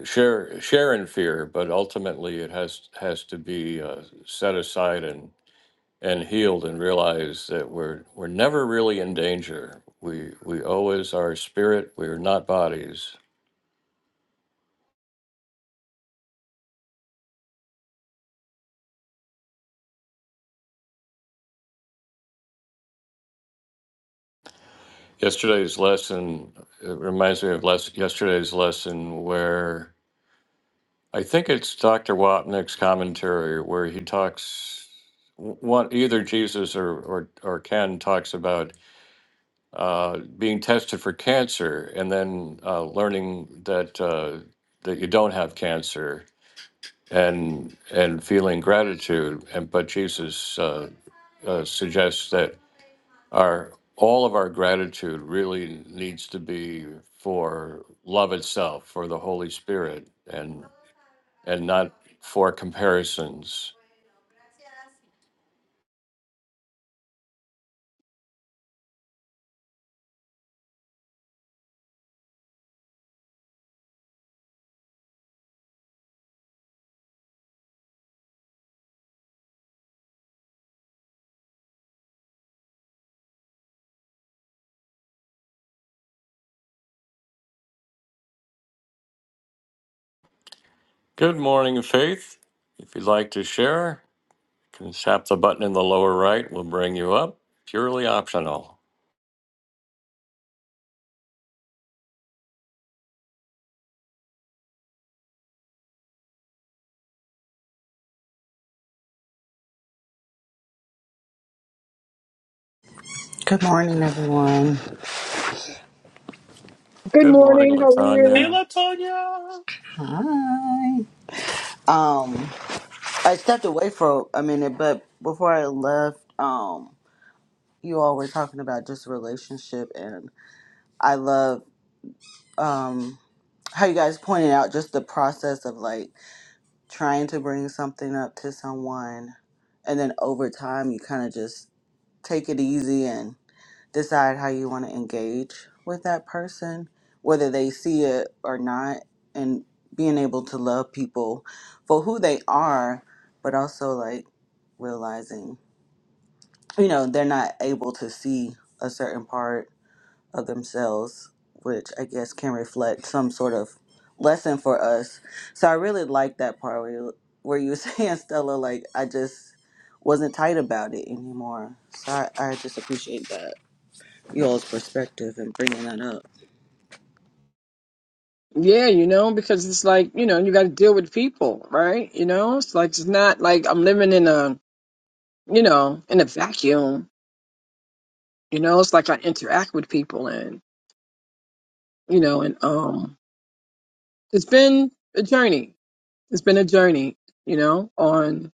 Speaker 1: share share in fear, but ultimately it has has to be uh, set aside and and healed and realize that we're we're never really in danger. We we always are spirit. We are not bodies Yesterday's lesson, it reminds me of les- yesterday's lesson where I think it's Dr. Wapnick's commentary where he talks, w- one, either Jesus or, or, or Ken talks about uh, being tested for cancer and then uh, learning that, uh, that you don't have cancer and, and feeling gratitude. And, but Jesus uh, uh, suggests that our all of our gratitude really needs to be for love itself for the holy spirit and and not for comparisons good morning faith if you'd like to share you can tap the button in the lower right we'll bring you up purely optional
Speaker 4: Good morning, everyone.
Speaker 3: Good
Speaker 1: good morning
Speaker 3: morning. How are you?
Speaker 1: latanya
Speaker 2: Hello, Tonya.
Speaker 4: Hi. Um, I stepped away for a minute, but before I left, um, you all were talking about just relationship, and I love um how you guys pointed out just the process of like trying to bring something up to someone, and then over time you kind of just take it easy decide how you want to engage with that person, whether they see it or not, and being able to love people for who they are, but also like realizing, you know, they're not able to see a certain part of themselves, which I guess can reflect some sort of lesson for us. So I really like that part where you, where you were saying, Stella, like, I just wasn't tight about it anymore. So I, I just appreciate that y'all's perspective and bringing that up.
Speaker 3: Yeah, you know, because it's like, you know, you got to deal with people, right? You know, it's like, it's not like I'm living in a, you know, in a vacuum. You know, it's like I interact with people and, you know, and um, it's been a journey. It's been a journey, you know, on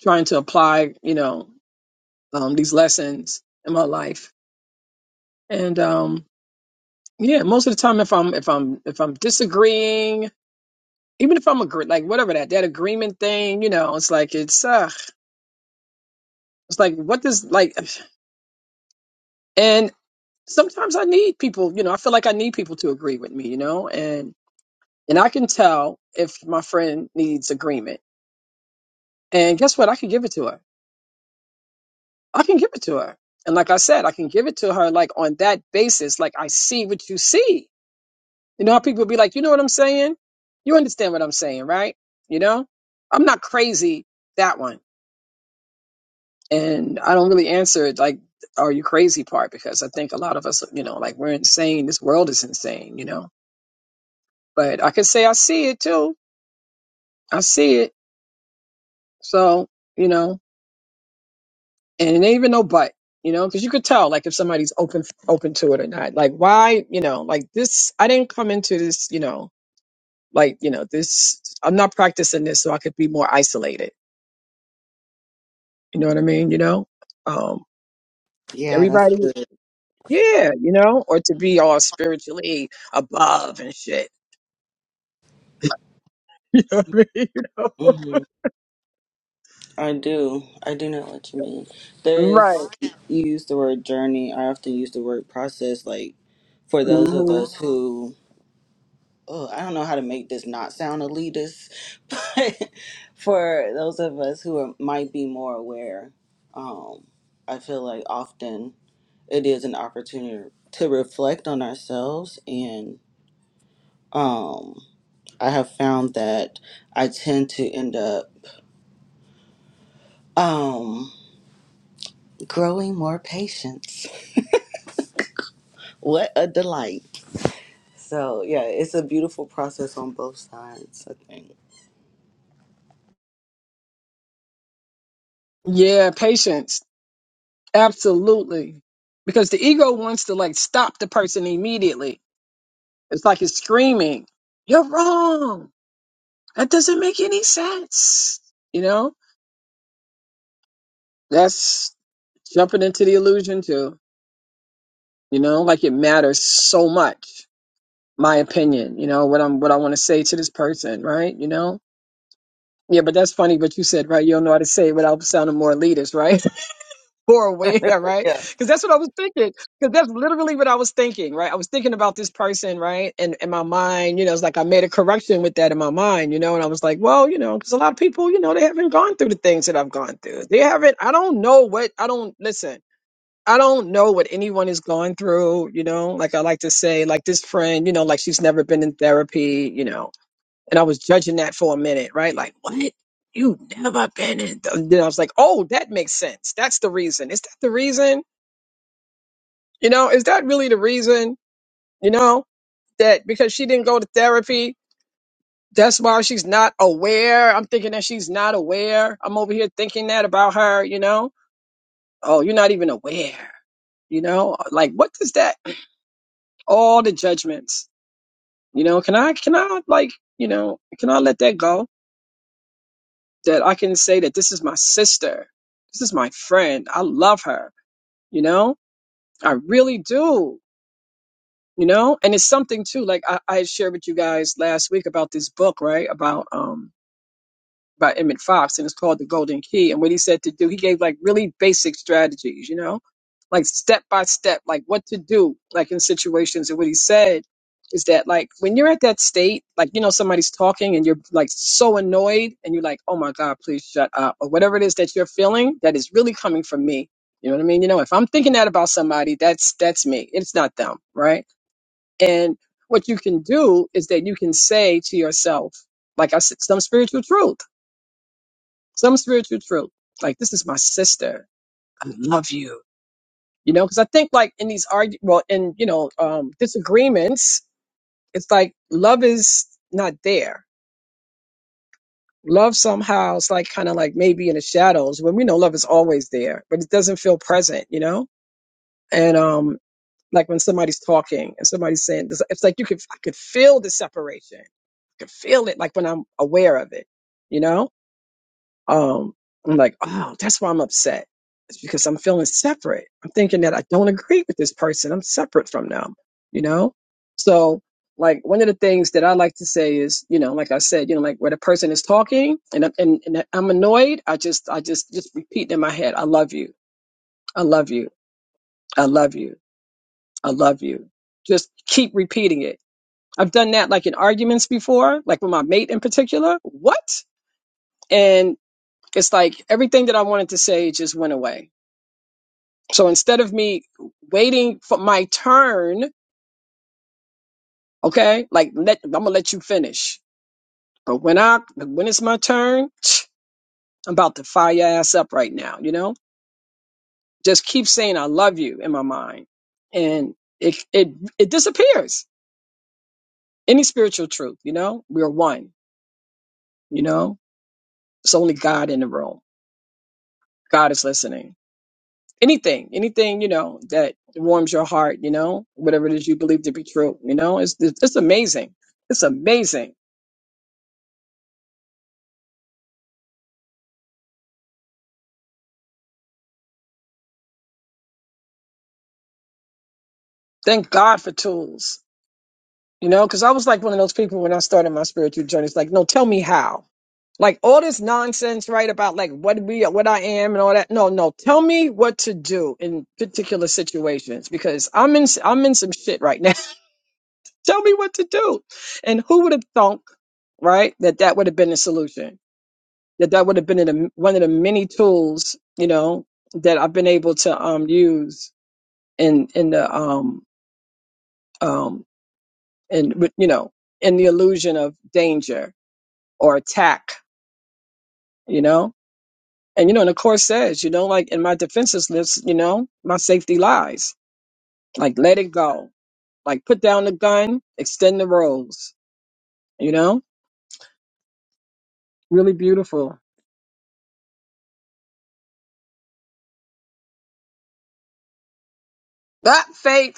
Speaker 3: trying to apply, you know, um, these lessons in my life. And um, yeah, most of the time, if I'm if I'm if I'm disagreeing even if I'm agree, like whatever that that agreement thing, you know, it's like it's uh, it's like what does like, and sometimes I need people, you know, I feel like I need people to agree with me, you know, and and I can tell if my friend needs agreement, and guess what, I can give it to her, I can give it to her, and like I said, I can give it to her like on that basis, like I see what you see, you know, how people be like, you know what I'm saying, you understand what I'm saying, right? You know, I'm not crazy that one and I don't really answer like are you crazy part because I think a lot of us, you know, like we're insane. This world is insane, you know. But I can say I see it too. I see it. So, you know, and it ain't even no but, you know, because you could tell like if somebody's open open to it or not. Like why, you know, like this I didn't come into this, you know, like, you know, this I'm not practicing this so I could be more isolated. You know what I mean? You know? Um
Speaker 4: Yeah, that's
Speaker 3: everybody
Speaker 4: good.
Speaker 3: yeah, you know, or to be all spiritually above and shit. You know what I mean? You know?
Speaker 4: hmm I do. I do know what you mean. There is,
Speaker 3: Right.
Speaker 4: you use the word journey. I often use the word process, like for those of
Speaker 3: hmm
Speaker 4: us who, oh, I don't know how to make this not sound elitist, but for those of us who are, might be more aware, um, I feel like often it is an opportunity to reflect on ourselves and. um, I have found that I tend to end up um, growing more patience. What a delight. So, yeah, it's a beautiful process on both sides, I think.
Speaker 3: Yeah, patience. Absolutely. Because the ego wants to like stop the person immediately. It's like it's screaming, You're wrong. That doesn't make any sense. You know? That's jumping into the illusion too. You know, like it matters so much. My opinion, you know, what I'm what I want to say to this person, right? You know? Yeah, but that's funny, but you said, right, you don't know how to say it without sounding more elitist, right? more aware, right? Because that's what I was thinking. Because that's literally what I was thinking, right? I was thinking about this person, right? And in my mind, you know, it's like I made a correction with that in my mind, you know, and I was like, well, you know, because a lot of people, you know, they haven't gone through the things that I've gone through. They haven't, I don't know what, I don't, listen. I don't know what anyone is going through, you know. Like I like to say, like this friend, you know, like she's never been in therapy, you know and I was judging that for a minute, right? Like, what? You never been in? th-" Then I was like, oh, that makes sense. That's the reason. Is that the reason? You know, is that really the reason? You know, that because she didn't go to therapy, that's why she's not aware. I'm thinking that she's not aware. I'm over here thinking that about her, you know? Oh, you're not even aware. You know, like what does that? All the judgments. You know, can I, can I, like, you know, can I let that go? that I can say that this is my sister. This is my friend. I love her. You know, I really do. You know, and it's something too. Like I, I shared with you guys last week about this book, right? About um by Emmett Fox, and it's called The Golden Key. And what he said to do, he gave like really basic strategies, you know, like step by step, like what to do, like in situations. And what he said is that like when you're at that state, like you know somebody's talking and you're like so annoyed, and you're like, oh my god, please shut up, or whatever it is that you're feeling that is really coming from me. You know what I mean? You know, if I'm thinking that about somebody, that's that's me. It's not them, right? And what you can do is that you can say to yourself, like I said, some spiritual truth some spiritual truth. Like this is my sister. I love you. You know, because I think like in these argu well, in you know, um, disagreements, it's like love is not there. Love somehow is like kind of like maybe in the shadows when we know love is always there, but it doesn't feel present. You know, and um, like when somebody's talking and somebody's saying, this, it's like you could I could feel the separation. I could feel it like when I'm aware of it. You know, Um, I'm like, oh, that's why I'm upset. It's because I'm feeling separate. I'm thinking that I don't agree with this person. I'm separate from them, you know? So, like, one of the things that I like to say is, you know, like I said, you know, like where the person is talking and, I'm- and, and I'm annoyed, I just, I just, just repeat in my head, I love you. I love you. I love you. I love you. Just keep repeating it. I've done that like in arguments before, like with my mate in particular. What? And it's like everything that I wanted to say just went away So instead of me waiting for my turn, okay, like let I'm gonna let you finish. But when I when it's my turn, I'm about to fire your ass up right now, you know? Just keep saying I love you in my mind. And it it it disappears. Any spiritual truth, you know? We're one, you know? It's only God in the room. God is listening. Anything, anything, you know, that warms your heart, you know, whatever it is you believe to be true, you know, it's it's amazing. It's amazing Thank God for tools, you know, because I was like one of those people when I started my spiritual journey. It's like, no, tell me how. Like all this nonsense, right? About like what we, what I am, and all that. No, no, tell me what to do in particular situations because I'm in, I'm in some shit right now. tell me what to do. And who would have thunk, right, that that would have been the solution? That that would have been in a, one of the many tools, you know, that I've been able to um use in in the um um and with- you know in the illusion of danger or attack you know and you know and the course says you know like in my defenses list you know my safety lies like let it go like put down the gun extend the rose you know really beautiful that faith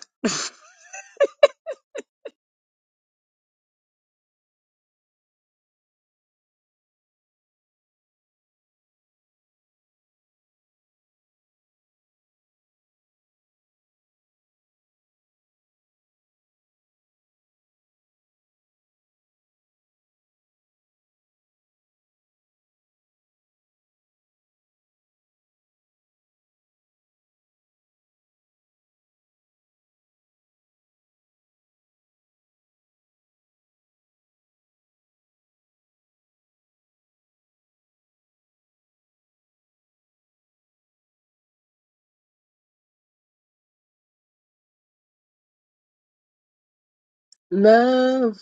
Speaker 3: love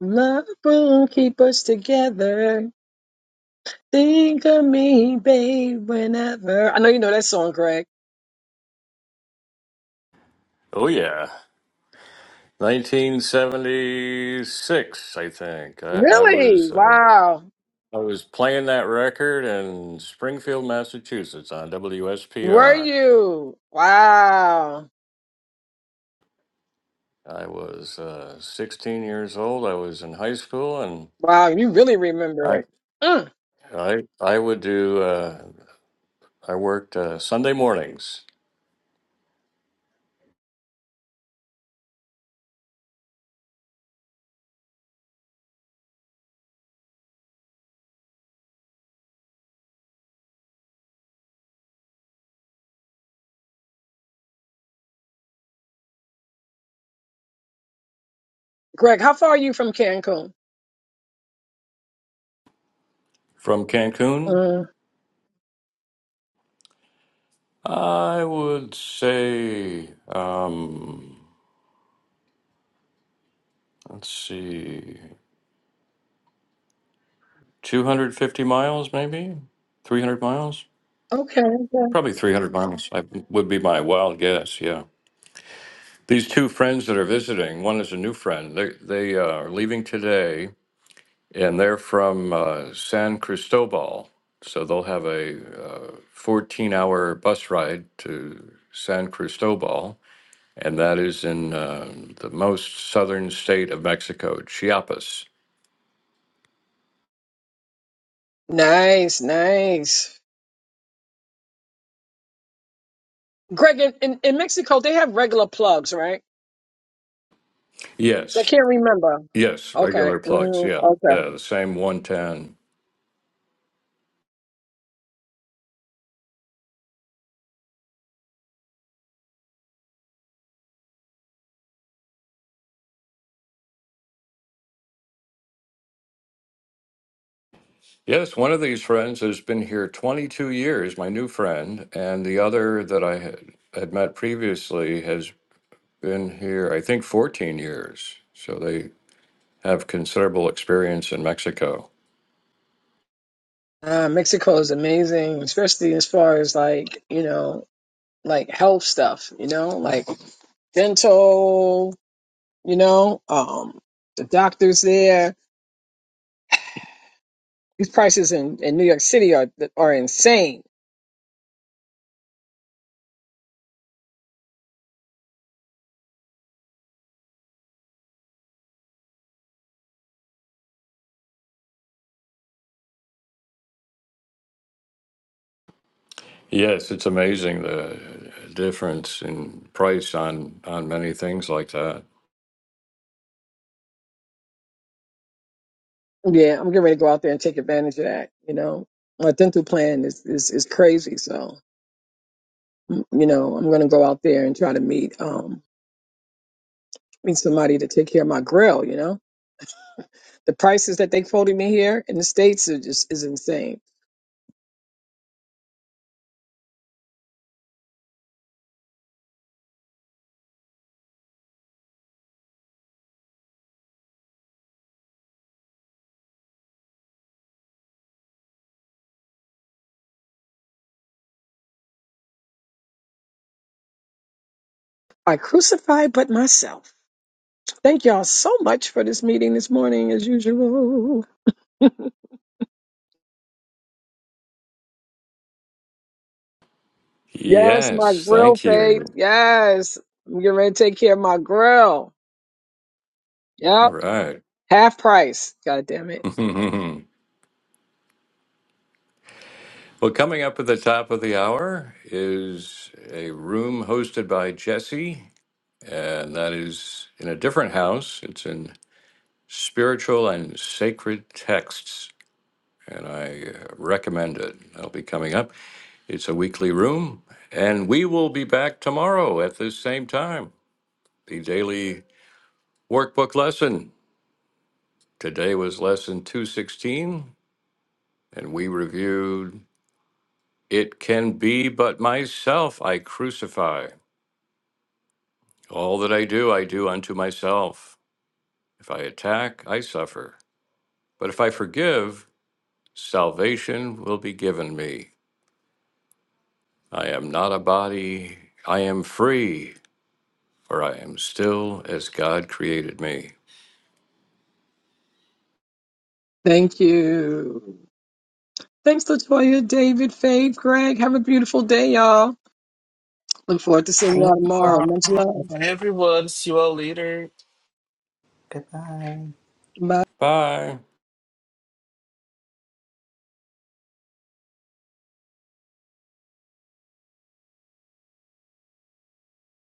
Speaker 3: love will keep us together think of me babe whenever i know you know that song greg
Speaker 1: oh yeah 1976 i think i, I
Speaker 3: really
Speaker 1: was uh,
Speaker 3: wow
Speaker 1: I was playing that record in Springfield, Massachusetts on
Speaker 3: were
Speaker 1: WSPR.
Speaker 3: you wow
Speaker 1: I was uh, 16 years old. I was in high school, and
Speaker 3: Wow, you really remember
Speaker 1: I
Speaker 3: it. Mm.
Speaker 1: I I would do. Uh, I worked uh, Sunday mornings
Speaker 3: Greg, how far are you from Cancun?
Speaker 1: from Cancun.
Speaker 3: Mm.
Speaker 1: I would say, um, let's see, 250 miles, maybe 300 miles,
Speaker 3: Okay, okay.
Speaker 1: probably 300 miles. I would be my wild guess. Yeah. These two friends that are visiting, one is a new friend. They they uh, are leaving today, and they're from uh, San Cristobal, so they'll have a uh, fourteen-hour bus ride to San Cristobal, and that is in uh, the most southern state of Mexico, Chiapas.
Speaker 3: Nice, nice. Greg, in, in, in Mexico, they have regular plugs, right? So
Speaker 1: Yes,
Speaker 3: I can't remember.
Speaker 1: yes,
Speaker 3: Okay.
Speaker 1: regular plugs.
Speaker 3: Mm,
Speaker 1: Yeah,
Speaker 3: okay.
Speaker 1: yeah the same one ten. Yes, one of these friends has been here 22 years, my new friend, and the other that I had, had met previously has been here, I think, 14 years. So they have considerable experience in Mexico.
Speaker 3: Uh, Mexico is amazing, especially as far as like, you know, like health stuff, you know, like dental, you know, um, the doctors there. These prices in, in New York City are are insane
Speaker 1: Yes, it's amazing the difference in price on on many things like that.
Speaker 3: Yeah, I'm getting ready to go out there and take advantage of that. You know, my dental plan is is, is crazy, so mm, you know I'm going to go out there and try to meet um meet somebody to take care of my grill. You know, the prices that they quoted me here in the states are just is insane. I crucify but myself. Thank y'all so much for this meeting this morning, as usual. Yes, my
Speaker 1: Yes,
Speaker 3: grill,
Speaker 1: thank you.
Speaker 3: Faith. Yes. I'm getting ready to take care of my grill.
Speaker 1: All
Speaker 3: Yep.
Speaker 1: right.
Speaker 3: Half price. God damn it.
Speaker 1: well, coming up at the top of the hour is a room hosted by Jesse and that is in a different house. It's in Spiritual and Sacred Texts, and I uh, recommend it. That'll be coming up. It's a weekly room, and we will be back tomorrow at this same time. The daily workbook lesson. Today was lesson 216, and we reviewed It Can Be But Myself I Crucify. All that I do, I do unto myself. If I attack, I suffer. But if I forgive, Salvation will be given me. I am not a body. I am free, for I am still as God created me.
Speaker 3: Thank you. Thanks, Latoya, David, Faith, Greg. Have a beautiful day, y'all. Look forward to seeing
Speaker 4: Thank
Speaker 3: y'all
Speaker 4: you
Speaker 3: tomorrow.
Speaker 4: all.
Speaker 3: Much love.
Speaker 2: Bye, everyone. See you all later.
Speaker 4: Goodbye.
Speaker 3: Bye.
Speaker 1: Bye.